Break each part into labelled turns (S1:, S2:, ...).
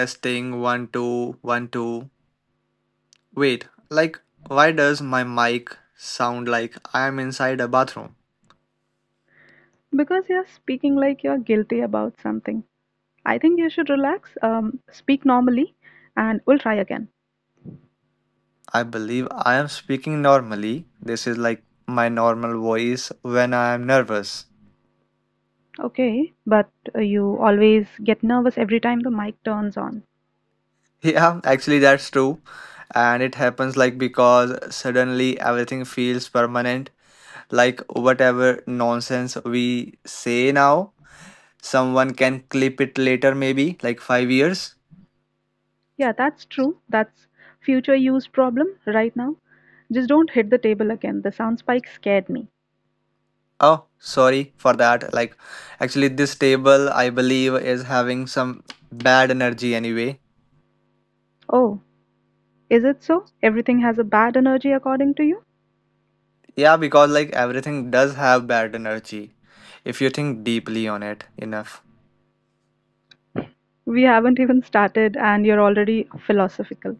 S1: testing one, two, one, two. Wait, like, why does my mic sound like I am inside a bathroom?
S2: Because you're speaking like you're guilty about something. I think you should relax, speak normally, and we'll try again.
S1: I believe I am speaking normally. This is like my normal voice when I am nervous.
S2: Okay, but you always get nervous every time the mic turns on.
S1: Yeah, actually, that's true. And it happens like because suddenly everything feels permanent. Like, whatever nonsense we say now, someone can clip it later, maybe like 5 years.
S2: Yeah, that's true. That's future use problem right now. Just don't hit the table again. The sound spike scared me.
S1: Oh, sorry for that. Like, actually, this table I believe is having some bad energy anyway.
S2: Oh, is it so? Everything has a bad energy according to you?
S1: Yeah, because like everything does have bad energy if you think deeply on it enough.
S2: We haven't even started and you're already philosophical.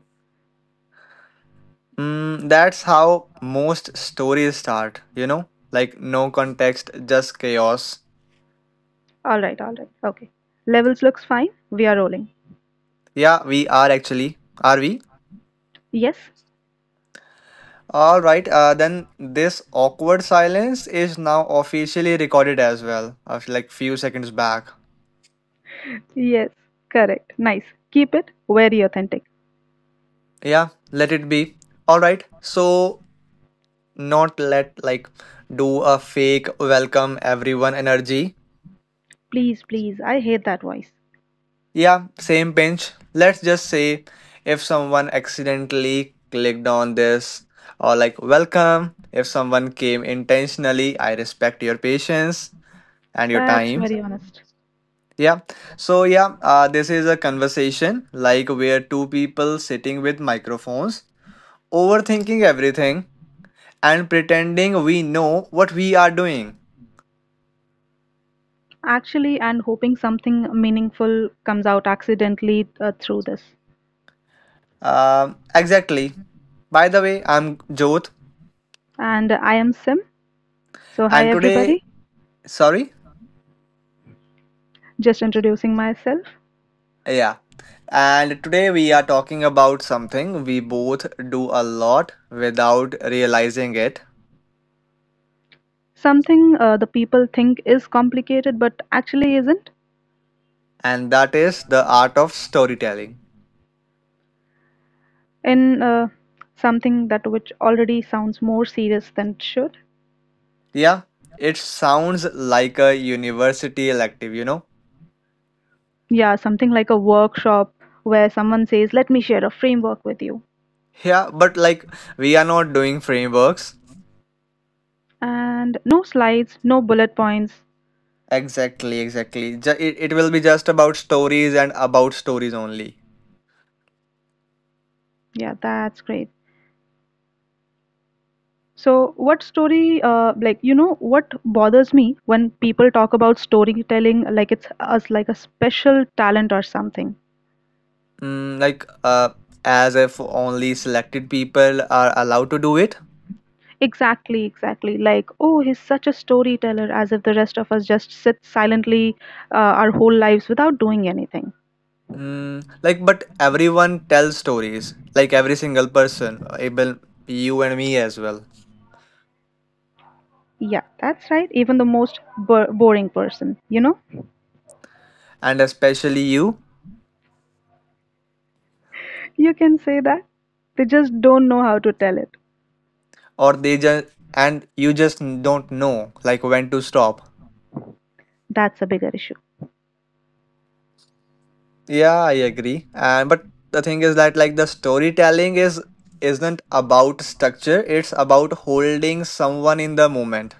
S1: Mm, that's how most stories start, you know? Like, no context, just chaos.
S2: All right, all right. Okay. Levels looks fine. We are rolling.
S1: Yeah, we are actually. Are we?
S2: Yes,
S1: All right, then this awkward silence is now officially recorded as well, of like few seconds back.
S2: yes, correct. Nice. Keep it very authentic.
S1: Yeah, let it be. All right. So, not let like do a fake welcome everyone energy.
S2: Please, please, I hate that voice.
S1: Yeah, same pinch. Let's just say if someone accidentally clicked on this or like welcome, if someone came intentionally, I respect your patience and your
S2: That's
S1: time.
S2: very honest.
S1: Yeah. So, yeah, this is a conversation like where two people sitting with microphones overthinking everything and pretending we know what we are doing.
S2: Actually, and hoping something meaningful comes out accidentally through this.
S1: Exactly. By the way, I'm Jot,
S2: And I am Sim. So, hi
S1: and today,
S2: everybody.
S1: sorry,
S2: Just introducing myself.
S1: yeah, and today we are talking about something we both do a lot without realizing it,
S2: Something the people think is complicated but actually isn't.
S1: and that is the art of storytelling.
S2: In something that which already sounds more serious than it should.
S1: Yeah, it sounds like a university elective.
S2: Yeah, something like a workshop where someone says, let me share a framework with you
S1: Yeah, but like we are not doing frameworks.
S2: and no slides, no bullet points.
S1: Exactly, exactly. It will be just about stories and about stories only.
S2: Yeah, that's great. So, what story, what bothers me when people talk about storytelling like it's us like a special talent or something.
S1: Mm, like as if only selected people are allowed to do it.
S2: Exactly, exactly. Like, oh, he's such a storyteller, as if the rest of us just sit silently our whole lives without doing anything.
S1: Mm, like, but everyone tells stories. Like every single person, able you and me as well,
S2: Yeah, that's right. Even the most boring person,
S1: and especially you,
S2: you can say that. They just don't know how to tell it.
S1: or they just and you just don't know like when to stop.
S2: That's a bigger issue.
S1: Yeah, I agree. And but the thing is that like the storytelling is isn't about structure. It's about holding someone in the moment,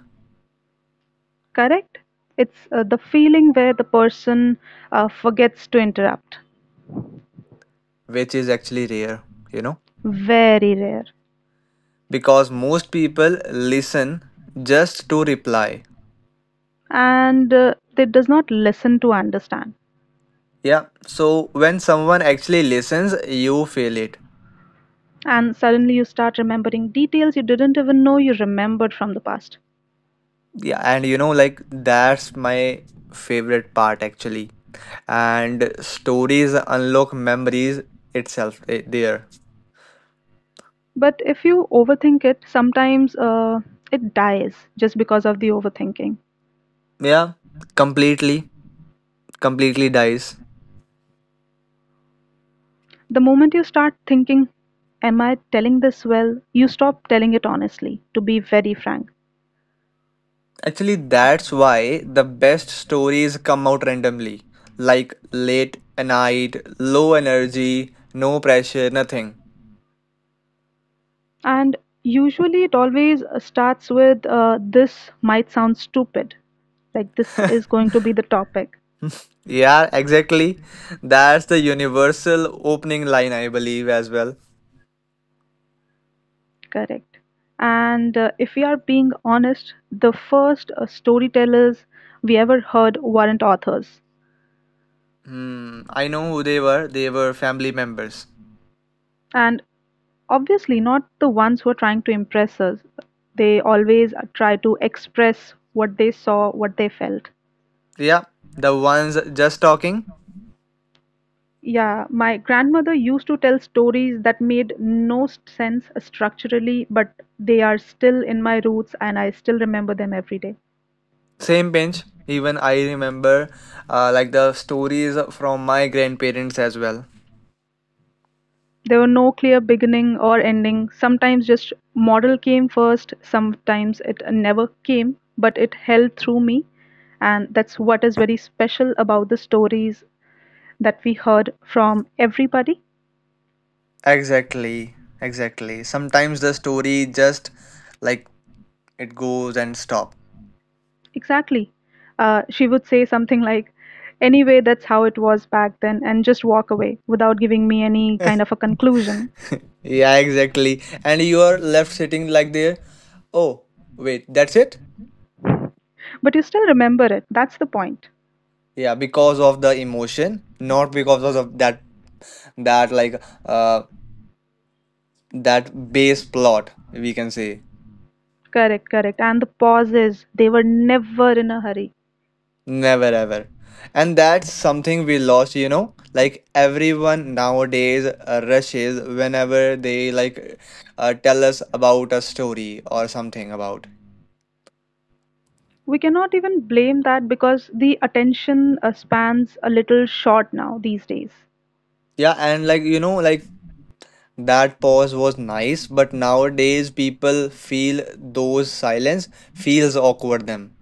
S2: Correct? It's the feeling where the person forgets to interrupt.
S1: which is actually rare. You know.
S2: Very rare.
S1: Because most people listen just to reply.
S2: And they does not listen to understand.
S1: Yeah. So when someone actually listens, you feel it.
S2: And suddenly you start remembering details you didn't even know you remembered from the past.
S1: Yeah. And like that's my favorite part actually. And stories unlock memories itself there.
S2: But if you overthink it, sometimes it dies just because of the overthinking.
S1: Yeah. Completely. Completely dies.
S2: The moment you start thinking, am I telling this well? You stop telling it honestly, to be very frank.
S1: Actually, that's why the best stories come out randomly. Like late at night, low energy, no pressure, nothing.
S2: And usually it always starts with this might sound stupid, like this is going to be the topic.
S1: Yeah, exactly. That's the universal opening line, I believe, as well.
S2: Correct. And if we are being honest, the first storytellers we ever heard weren't authors.
S1: Hmm, I know who they were. They were family members.
S2: And obviously, not the ones who are trying to impress us. They always try to express what they saw, what they felt.
S1: Yeah, the ones just talking,
S2: Yeah, my grandmother used to tell stories that made no sense structurally, but they are still in my roots and I still remember them every day.
S1: same pinch. Even I remember, like the stories from my grandparents as well.
S2: There were no clear beginning or ending. Sometimes just model came first, sometimes it never came, but it held through me. And that's what is very special about the stories that we heard from everybody.
S1: Exactly, exactly. Sometimes the story just like it goes and stop.
S2: Exactly. She would say something like, anyway, that's how it was back then, and just walk away without giving me any kind of a conclusion.
S1: Yeah, exactly. And you are left sitting like there. Oh, wait, that's it.
S2: But you still remember it. That's the point.
S1: Yeah, because of the emotion, not because of that like uh that base plot we can say.
S2: Correct, correct. And the pauses, they were never in a hurry.
S1: Never ever. And that's something we lost, you know? Like everyone nowadays rushes whenever they like tell us about a story or something about.
S2: We cannot even blame that because the attention spans a little short now these days.
S1: Yeah, and like like that pause was nice, but nowadays people feel those silence feels awkward them,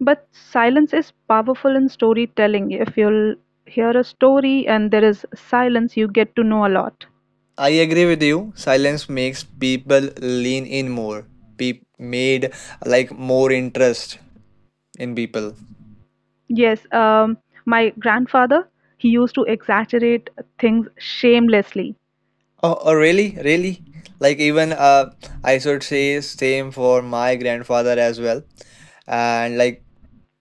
S2: But silence is powerful in storytelling. If you'll hear a story and there is silence, you get to know a lot.
S1: I agree with you. Silence makes people lean in more. Made like more interest in people.
S2: Yes, my grandfather, he used to exaggerate things shamelessly.
S1: Oh, oh, really, really. Like even I should say same for my grandfather as well. And like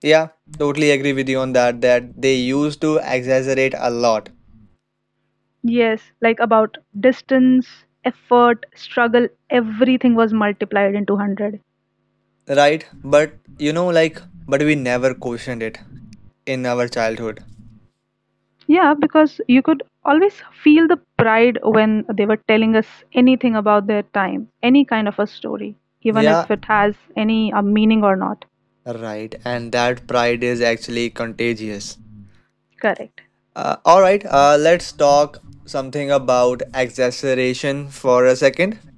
S1: yeah, totally agree with you on that. That they used to exaggerate a lot,
S2: Yes, like about distance, effort, struggle, everything was multiplied into 100.
S1: right? But like, but we never questioned it in our childhood.
S2: Yeah, because you could always feel the pride when they were telling us anything about their time, any kind of a story, even
S1: Yeah,
S2: if it has any meaning or not.
S1: right. And that pride is actually contagious.
S2: Correct.
S1: All right, let's talk something about exaggeration for a second.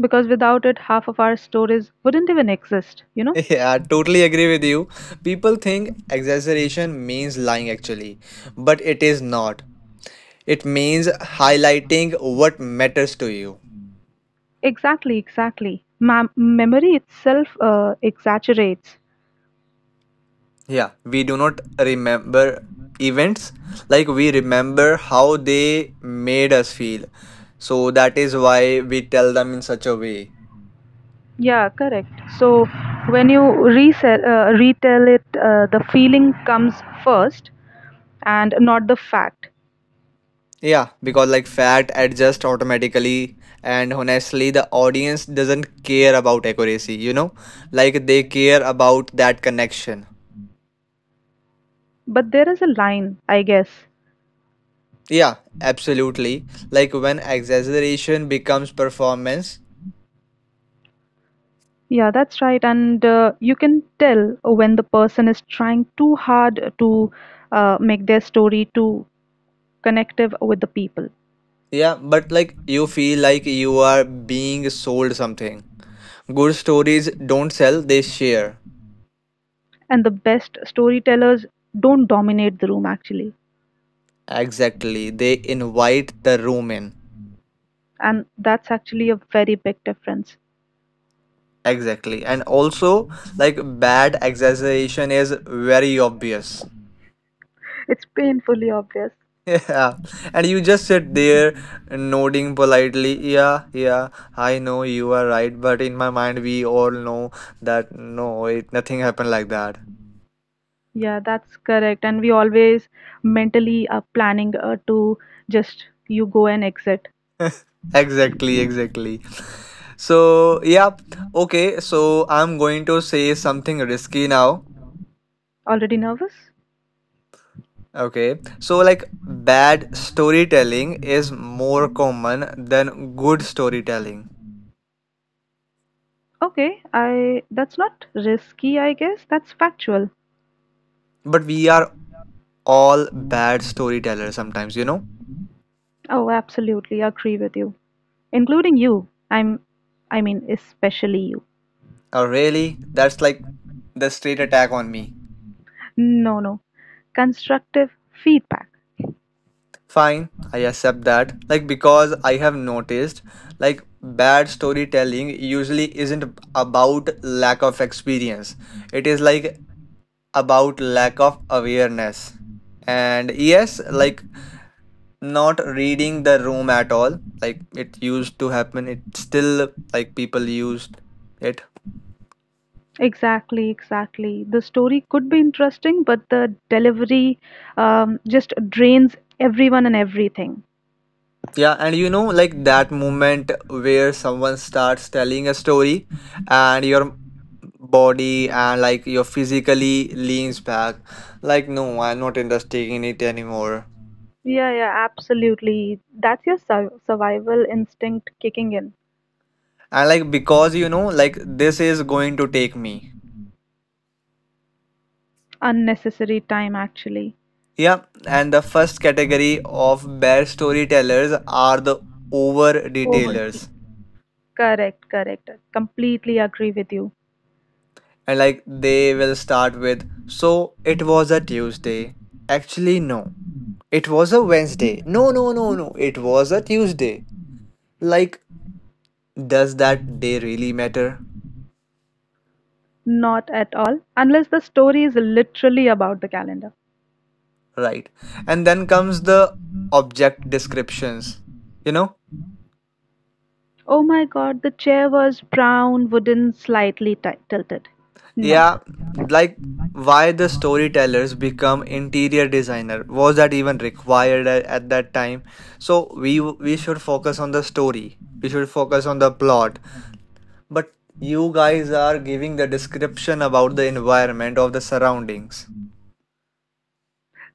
S2: Because without it, half of our stories wouldn't even exist, you know?
S1: Yeah, I totally agree with you. People think exaggeration means lying actually, but it is not. It means highlighting what matters to you.
S2: Exactly, exactly. Memory itself exaggerates.
S1: Yeah, we do not remember events like we remember how they made us feel. So that is why we tell them in such a way.
S2: Yeah, correct. So when you retell it, the feeling comes first and not the fact.
S1: Yeah, because like fat adjusts automatically, and honestly, the audience doesn't care about accuracy, like they care about that connection.
S2: But there is a line, I guess.
S1: Yeah, absolutely. Like when exaggeration becomes performance,
S2: Yeah, that's right. And you can tell when the person is trying too hard to make their story too connective with the people.
S1: yeah, but like you feel like you are being sold something. Good stories don't sell, they share.
S2: And the best storytellers don't dominate the room, actually.
S1: Exactly, they invite the room in.
S2: And that's actually a very big difference.
S1: Exactly, and also like bad exaggeration is very obvious.
S2: It's painfully obvious.
S1: Yeah, and you just sit there nodding politely. Yeah, yeah, I know you are right, but in my mind, we all know that no, it nothing happened like that.
S2: Yeah, that's correct. And we always mentally are planning to just you go and exit.
S1: Exactly, exactly. So, yeah, okay, so I'm going to say something risky now.
S2: Already nervous?
S1: Okay, so like bad storytelling is more common than good storytelling,
S2: Okay, I that's not risky, I guess. That's factual.
S1: but we are all bad storytellers sometimes.
S2: Oh, absolutely. Agree with you. Including you. I mean, especially you.
S1: Oh, really? That's like the straight attack on me.
S2: No, no. Constructive feedback.
S1: Fine, I accept that. Like, because I have noticed, like, bad storytelling usually isn't about lack of experience, it is like about lack of awareness. And yes, like, not reading the room at all, like, it used to happen, it still, like, people used it.
S2: Exactly, exactly. The story could be interesting, but the delivery just drains everyone and everything.
S1: Yeah, and like that moment where someone starts telling a story and your body and like your physically leans back, like, no, I'm not interested in it anymore.
S2: Yeah, yeah, absolutely. That's your survival instinct kicking in.
S1: And like, because like, this is going to take me.
S2: Unnecessary time, actually.
S1: Yeah, and the first category of bad storytellers are the over
S2: Over.
S1: detailers.
S2: Correct, correct. I completely agree with you.
S1: And like, they will start with, so it was a Tuesday. Actually, no. It was a Wednesday. No, no, no, no. It was a Tuesday. Like, does that day really matter?
S2: Not at all, unless the story is literally about the calendar.
S1: Right. And then comes the object descriptions. You know?
S2: Oh my god, the chair was brown, wooden, slightly tilted. No.
S1: Yeah, like why the storytellers become interior designer, was that even required at, that time? So we should focus on the story, we should focus on the plot, but you guys are giving the description about the environment of the surroundings,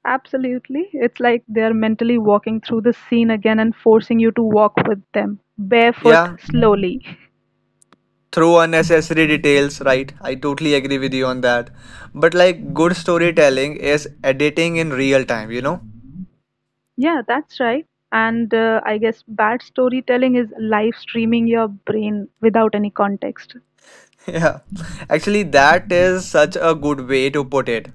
S2: Absolutely. It's like they're mentally walking through the scene again and forcing you to walk with them, barefoot,
S1: yeah,
S2: slowly.
S1: through unnecessary details, right? I totally agree with you on that. But like good storytelling is editing in real time, you know?
S2: Yeah, that's right. And I guess bad storytelling is live streaming your brain without any context.
S1: Yeah. Actually, that is such a good way to put it.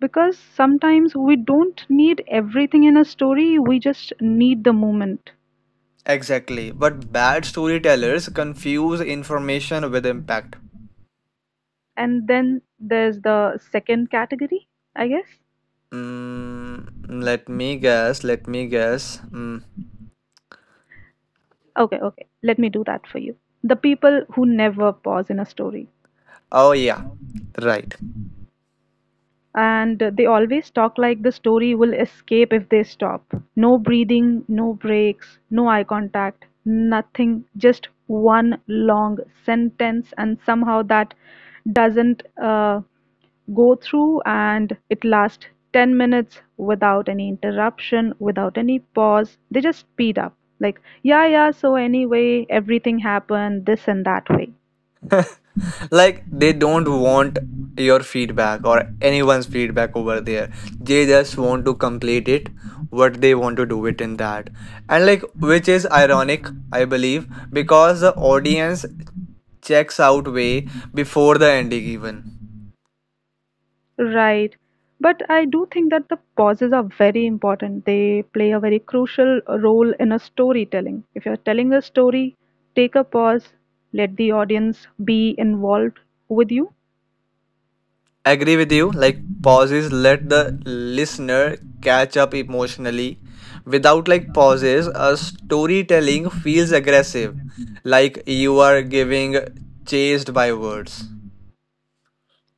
S2: Because sometimes we don't need everything in a story, we just need the moment.
S1: Exactly. But bad storytellers confuse information with impact.
S2: And then there's the second category, I guess.
S1: Mm, let me guess, let me guess. Mm.
S2: Okay, okay, let me do that for you. The people who never pause in a story,
S1: Oh, yeah, right.
S2: and they always talk like the story will escape if they stop. No breathing, no breaks, no eye contact, nothing, just one long sentence, and somehow that doesn't go through and it lasts 10 minutes without any interruption, without any pause. They just speed up. Like, yeah, yeah, so anyway, everything happened this and that way.
S1: Like they don't want your feedback or anyone's feedback over there, they just want to complete it, what they want to do it in that. And like, which is ironic, I believe, because the audience checks out way before the ending. Even
S2: Right. But I do think that the pauses are very important. They play a very crucial role in a storytelling. If you're telling a story, take a pause, let the audience be involved with you.
S1: agree with you, like pauses let the listener catch up emotionally. Without like pauses a storytelling feels aggressive, like you are giving chased by words.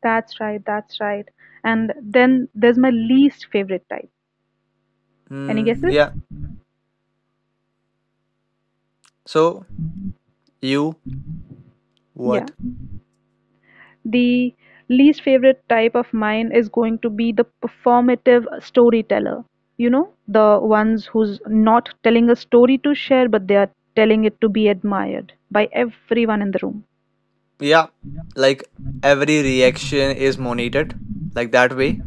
S2: That's right, that's right. And then there's my least favorite type. Any
S1: Mm,
S2: guesses?
S1: yeah. So you
S2: Yeah.
S1: what?
S2: The least favorite type of mine is going to be the performative storyteller. You know, the ones who's not telling a story to share, but they are telling it to be admired by everyone in the room.
S1: Yeah. Like every reaction is monitored like that way.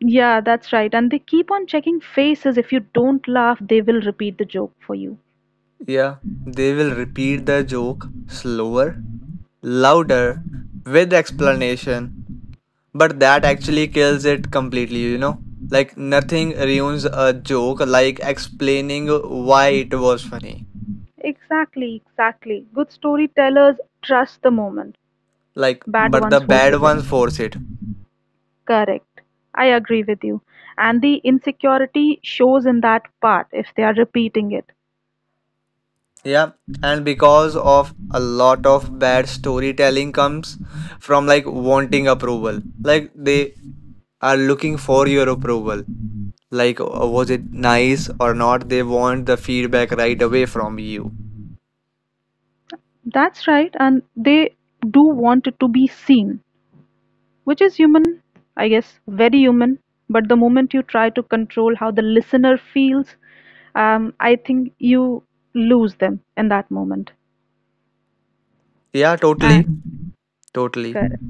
S2: Yeah, that's right. And they keep on checking faces. If you don't laugh, they will repeat the joke for you.
S1: Yeah. They will repeat the joke slower, louder, with explanation, but that actually kills it completely, you know? Like nothing ruins a joke like explaining why it was funny.
S2: Exactly, exactly. Good storytellers trust the moment.
S1: Like
S2: Bad
S1: but the
S2: ones
S1: bad
S2: forces it.
S1: ones force it.
S2: Correct. I agree with you. And the insecurity shows in that part if they are repeating it.
S1: Yeah, and because of a lot of bad storytelling comes from like wanting approval, like they are looking for your approval, like was it nice or not, they want the feedback right away from you.
S2: That's right. And they do want it to be seen, which is human, I guess, very human. But the moment you try to control how the listener feels, I think you lose them in that moment.
S1: Yeah, totally,
S2: And
S1: totally.
S2: correct.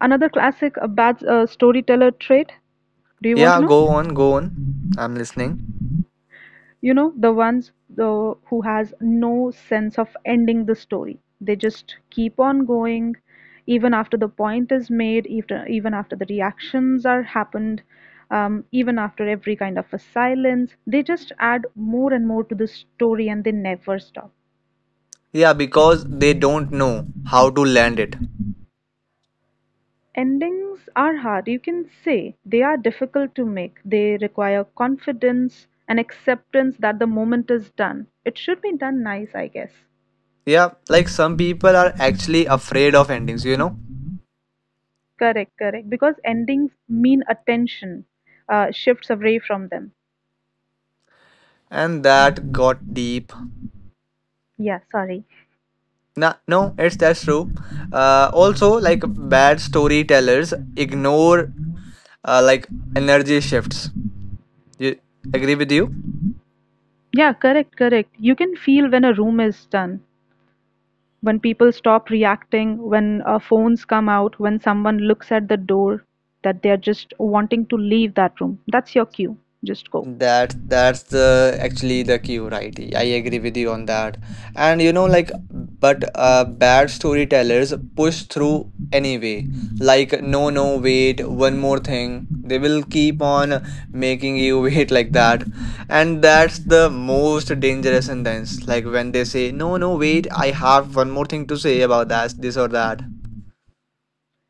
S2: Another classic bad storyteller trait. Do you want to
S1: Yeah,
S2: know?
S1: go on, go on, I'm listening.
S2: You know, who has no sense of ending the story. They just keep on going even after the point is made, even after the reactions are happened, even after every kind of a silence. They just add more and more to the story and they never stop.
S1: Yeah, because they don't know how to land it.
S2: Endings are hard, you can say. They are difficult to make. They require confidence and acceptance that the moment is done. It should be done nice, I guess.
S1: Yeah, like some people are actually afraid of endings
S2: Correct, correct. Because endings mean attention shifts away from them.
S1: and that got deep.
S2: Yeah, sorry.
S1: Nah, no, it's that's true. Also, like bad storytellers ignore like energy shifts. You agree with you?
S2: Yeah, correct, correct. You can feel when a room is done, when people stop reacting, when phones come out, when someone looks at the door, that they're just wanting to leave that room. That's your cue. Just go.
S1: That's the actually the cue, right? I agree with you on that. And but bad storytellers push through anyway. Like, no, no, wait, one more thing. They will keep on making you wait like that, and that's the most dangerous sentence. Like when they say, no, no, wait, I have one more thing to say about that, this or that.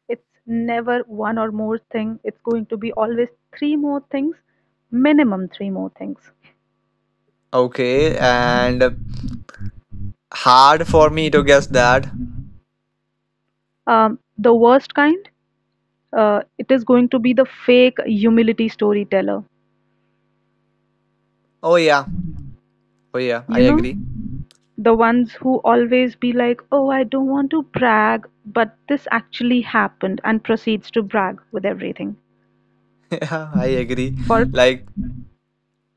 S2: It's never one or more thing. It's going to be always three more things, minimum three more things.
S1: Okay, and hard for me to guess that.
S2: The worst kind it is going to be the fake humility storyteller.
S1: Oh yeah, oh yeah, I
S2: You know,
S1: agree.
S2: the ones who always be like, oh, I don't want to brag, but this actually happened and proceeds to brag with everything
S1: Yeah, I agree.
S2: for
S1: Like,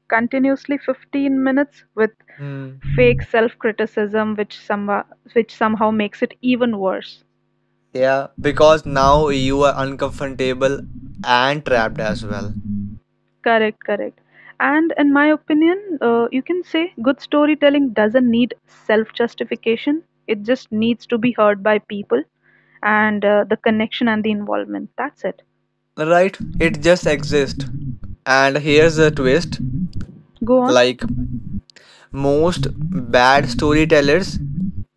S2: continuously 15 minutes with
S1: hmm,
S2: fake self criticism, which somehow makes it even worse.
S1: yeah, because now you are uncomfortable and trapped as well.
S2: Correct, correct. And in my opinion, you can say good storytelling doesn't need self justification, it just needs to be heard by people and the connection and the involvement. That's it.
S1: Right? It just exists. And here's the twist,
S2: Go on.
S1: like, most bad storytellers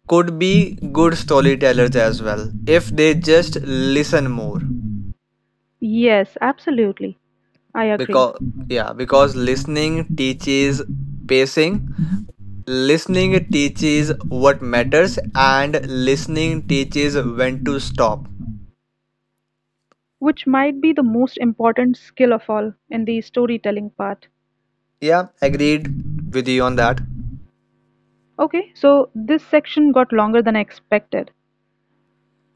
S1: could be good storytellers as well if they just listen more.
S2: Yes, absolutely. I agree.
S1: Because, yeah, because listening teaches pacing, listening teaches what matters, and listening teaches when to stop.
S2: Which might be the most important skill of all in the storytelling part.
S1: Yeah, agreed with you on that.
S2: Okay, so this section got longer than I expected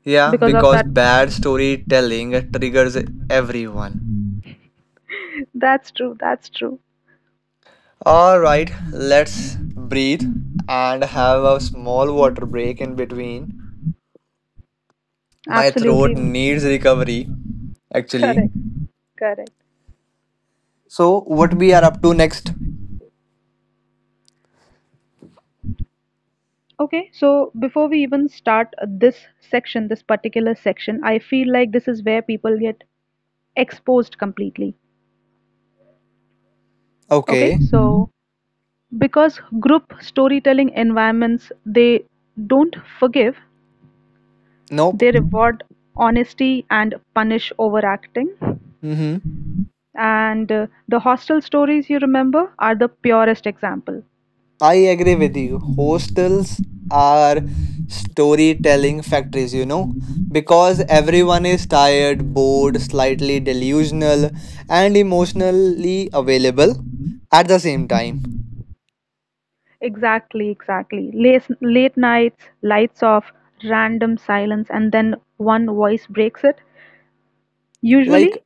S1: Yeah,
S2: because of
S1: because
S2: that.
S1: bad storytelling triggers everyone.
S2: That's true, that's true.
S1: All right, let's breathe and have a small water break in between. My throat
S2: Absolutely.
S1: needs recovery, actually.
S2: Correct, correct.
S1: So, what we are up to next?
S2: Okay, so before we even start this section, this particular section, I feel like this is where people get exposed completely. Okay,
S1: Okay.
S2: so because group storytelling environments they don't forgive,
S1: Nope.
S2: they reward honesty and punish overacting.
S1: Mm-hmm.
S2: And the hostel stories you remember are the purest example.
S1: I agree with you. Hostels are storytelling factories, because everyone is tired, bored, slightly delusional, and emotionally available at the same time.
S2: Exactly, exactly. Late nights, lights off, random silence, and then one voice breaks it. Usually,
S1: Like,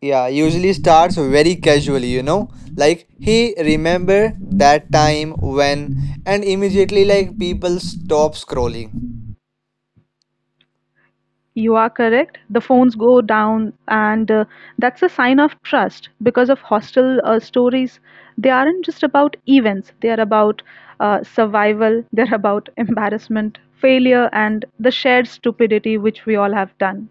S1: yeah, usually starts very casually, like, hey, remember that time when, and immediately, like, people stop scrolling.
S2: you are correct. The phones go down, and that's a sign of trust because of hostel stories. They aren't just about events, they are about survival, they're about embarrassment, failure, and the shared stupidity which we all have done.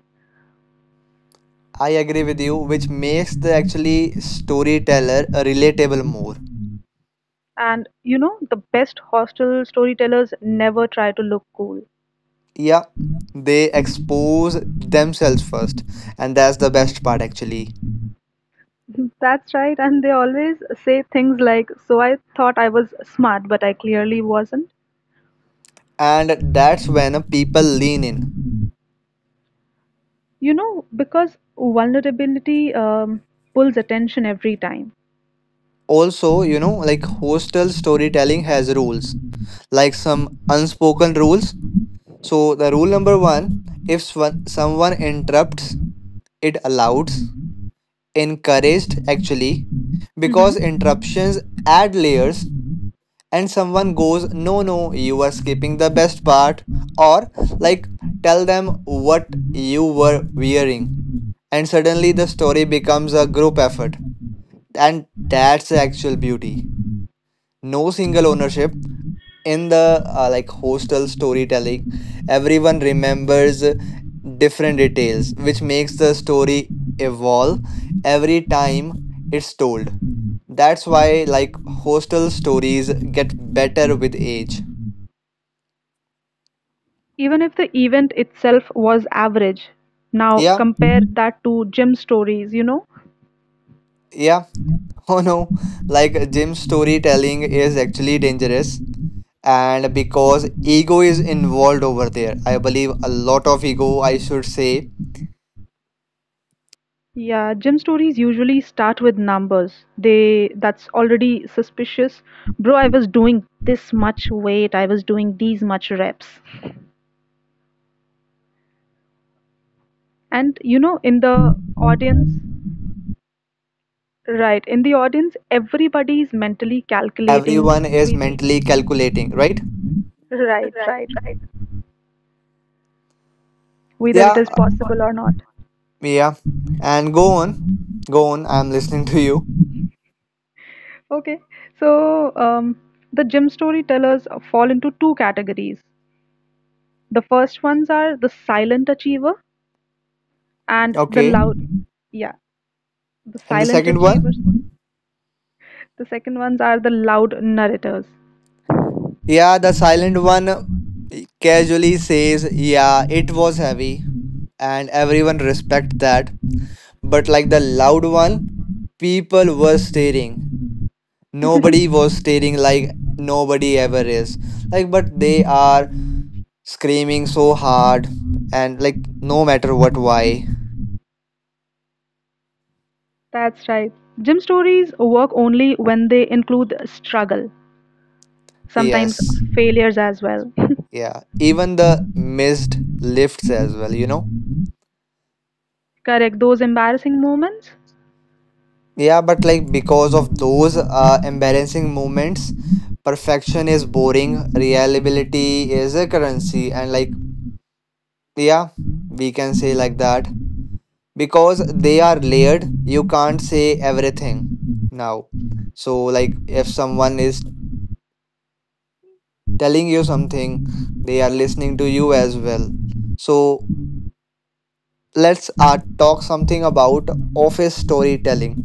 S1: I agree with you, which makes the actually storyteller relatable more.
S2: And you know, the best hostel storytellers never try to look cool.
S1: Yeah, they expose themselves first, and that's the best part actually.
S2: That's right, and they always say things like, so I thought I was smart, but I clearly wasn't.
S1: And that's when people lean in.
S2: You know, because vulnerability pulls attention every time.
S1: Also, like hostel storytelling has rules, like some unspoken rules. So, the rule number one, if someone interrupts, it allows, encouraged actually, because
S2: Hmm.
S1: interruptions add layers and someone goes, no, no, you are skipping the best part, or like tell them what you were wearing, and suddenly the story becomes a group effort, and that's the actual beauty. No single ownership in the like hostel storytelling, everyone remembers different details, which makes the story evolve every time it's told. That's why like hostel stories get better with age.
S2: Even if the event itself was average. Now
S1: Yeah.
S2: compare mhm that to gym stories, you know?
S1: Yeah. Oh no. Like gym storytelling is actually dangerous. And because ego is involved over there, I believe a lot of ego, I should say.
S2: Yeah, gym stories usually start with numbers. They That's already suspicious. Bro, I was doing this much weight, I was doing these much reps. And you know, in the audience, right. In the audience, everybody is mentally calculating
S3: Everyone is
S2: whether
S3: mentally calculating, right?
S2: right, right, whether it
S3: Yeah,
S2: is possible or not.
S3: yeah. And go on, go on. I'm listening to you.
S2: Okay. So the gym storytellers fall into two categories. The first ones are the silent achiever and the
S3: Okay.
S2: loud. Yeah, the
S3: And the
S2: silent
S3: second one,
S2: achievers. The second ones are the loud narrators.
S3: yeah, the silent one casually says, yeah, it was heavy, and everyone respect that. But like the loud one, people were staring. Nobody was staring like nobody ever is. Like, but they are screaming so hard, and like no matter what, why?
S2: That's right. Gym stories work only when they include struggle, sometimes
S3: Yes.
S2: failures as well.
S3: Yeah, even the missed lifts as well,
S2: Correct. Those embarrassing moments?
S3: Yeah, but like because of those embarrassing moments, perfection is boring, reliability is a currency, and like, yeah, we can say like that because they are layered, you can't say everything now. So, like, if someone is telling you something, they are listening to you as well. So, let's talk something about office storytelling,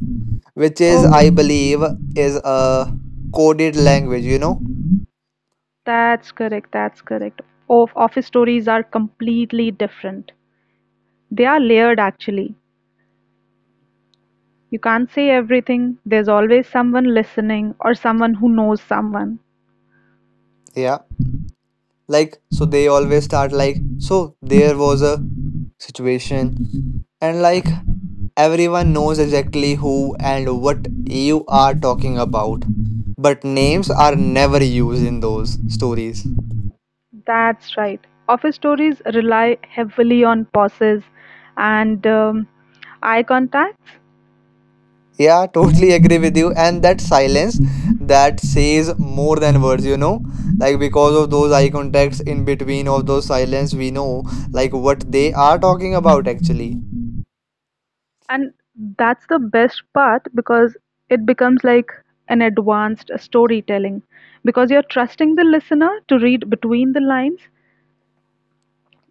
S3: which is
S2: Oh,
S3: I believe is a coded language,
S2: that's correct. That's correct. Of office stories are completely different. They are layered actually. You can't say everything. There's always someone listening or someone who knows someone.
S3: yeah, like so they always start like, so there was a situation and like everyone knows exactly who and what you are talking about, but names are never used in those stories.
S2: That's right. Office stories rely heavily on pauses and eye contacts.
S3: Yeah, totally agree with you. And that silence that says more than words, you know, like because of those eye contacts in between of those silence, we know like what they are talking about actually.
S2: And that's the best part because it becomes like an advanced storytelling because you're trusting the listener to read between the lines.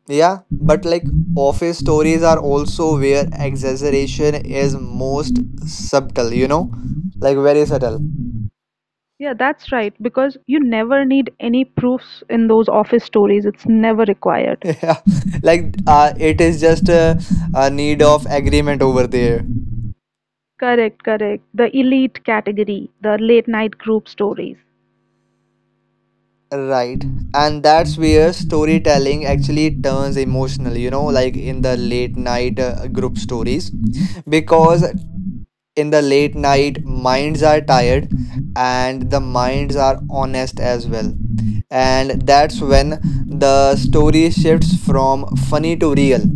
S3: Yeah, but like office stories are also where exaggeration is most subtle, you know, like very subtle.
S2: Yeah, that's right. Because you never need any proofs in those office stories, it's never required.
S3: Yeah, like it is just a need of agreement over there.
S2: Correct, correct. The elite category, the late night group stories.
S3: Right. And that's where storytelling actually turns emotional, you know, like in the late night group stories. Because in the late night, minds are tired and the minds are honest as well. And that's when the story shifts from funny to real.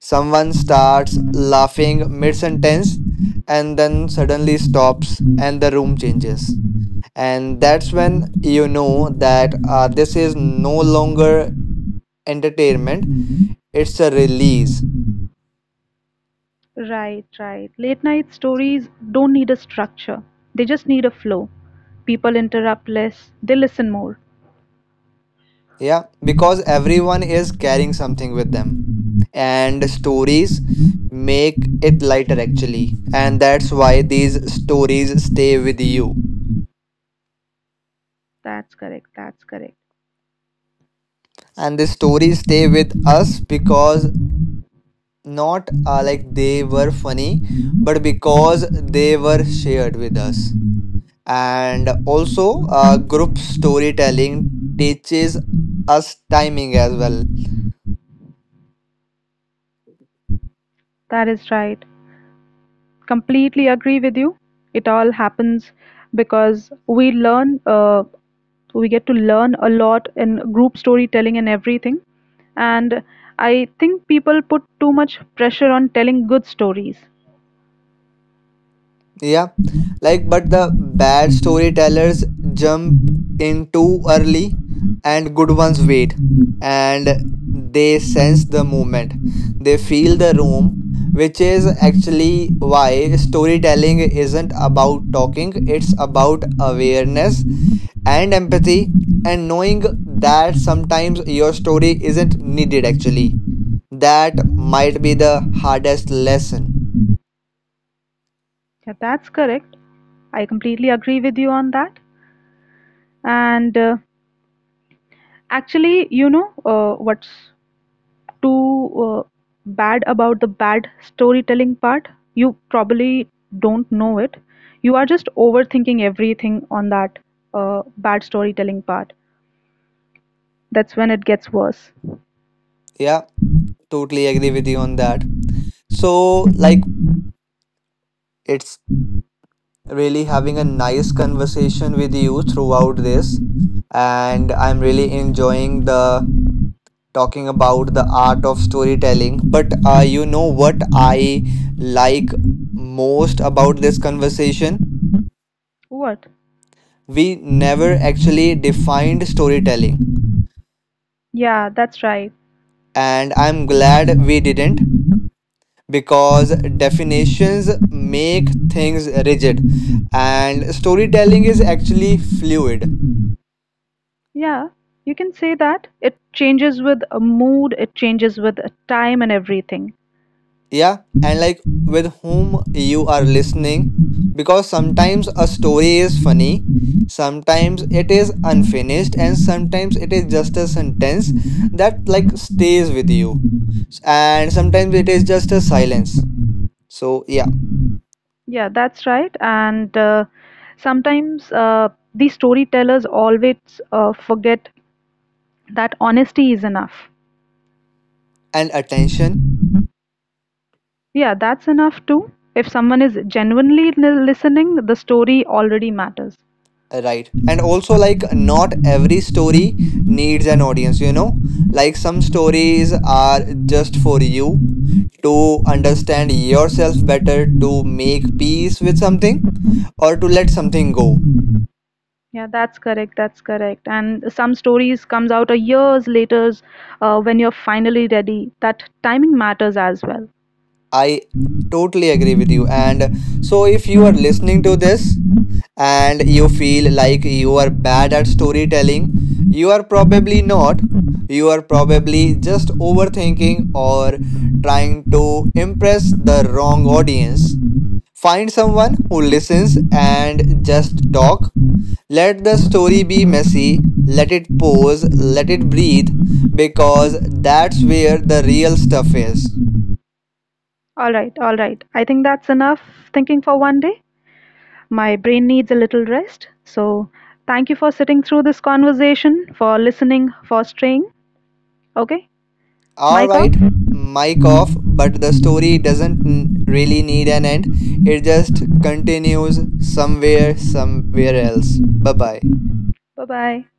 S3: Someone starts laughing mid sentence and then suddenly stops, and the room changes, and that's when you know that this is no longer entertainment, it's a release.
S2: Right, right. Late night stories don't need a structure, they just need a flow. People interrupt less, they listen more.
S3: Yeah, because everyone is carrying something with them and stories make it lighter actually. And that's why these stories stay with you
S2: That's correct, that's correct.
S3: and the stories stay with us because not like they were funny, but because they were shared with us. And also group storytelling teaches us timing as well.
S2: That is right. Completely agree with you. It all happens because we get to learn a lot in group storytelling and everything. And I think people put too much pressure on telling good stories.
S3: Yeah, like but the bad storytellers jump in too early and good ones wait, and they sense the movement, they feel the room, which is actually why storytelling isn't about talking, it's about awareness and empathy and knowing that sometimes your story isn't needed actually. That might be the hardest lesson.
S2: Yeah, that's correct. I completely agree with you on that. And actually, you know what's too uh, bad about the bad storytelling part. You probably don't know it. You are just overthinking everything on that bad storytelling part. That's when it gets worse.
S3: Yeah, totally agree with you on that. So like it's really having a nice conversation with you throughout this, and I'm really enjoying the talking about the art of storytelling. But you know what I like most about this conversation,
S2: What?
S3: we never actually defined storytelling,
S2: Yeah, that's right.
S3: and I'm glad we didn't, because definitions make things rigid and storytelling is actually fluid.
S2: Yeah, you can say that. It changes with a mood, it changes with a time and everything.
S3: Yeah, and like with whom you are listening, because sometimes a story is funny, sometimes it is unfinished, and sometimes it is just a sentence that like stays with you, and sometimes it is just a silence. So yeah,
S2: Yeah, that's right. And sometimes the storytellers always forget that honesty is enough.
S3: and attention
S2: Yeah, that's enough too. If someone is genuinely listening, the story already matters.
S3: right. And also like not every story needs an audience, you know, like some stories are just for you to understand yourself better, to make peace with something or to let something go.
S2: Yeah, that's correct. That's correct. And some stories comes out a years later when you're finally ready. That timing matters as well.
S3: I totally agree with you. And so if you are listening to this and you feel like you are bad at storytelling, you are probably not. You are probably just overthinking or trying to impress the wrong audience. Find someone who listens and just talk. Let the story be messy, let it pause, let it breathe, because that's where the real stuff is.
S2: All right, all right. I think that's enough thinking for one day. My brain needs a little rest. So, thank you for sitting through this conversation, for listening, for straying. Okay,
S3: All
S2: mic off.
S3: right, mic off, but the story doesn't really need an end. It just continues somewhere, somewhere else. Bye bye.
S2: Bye bye.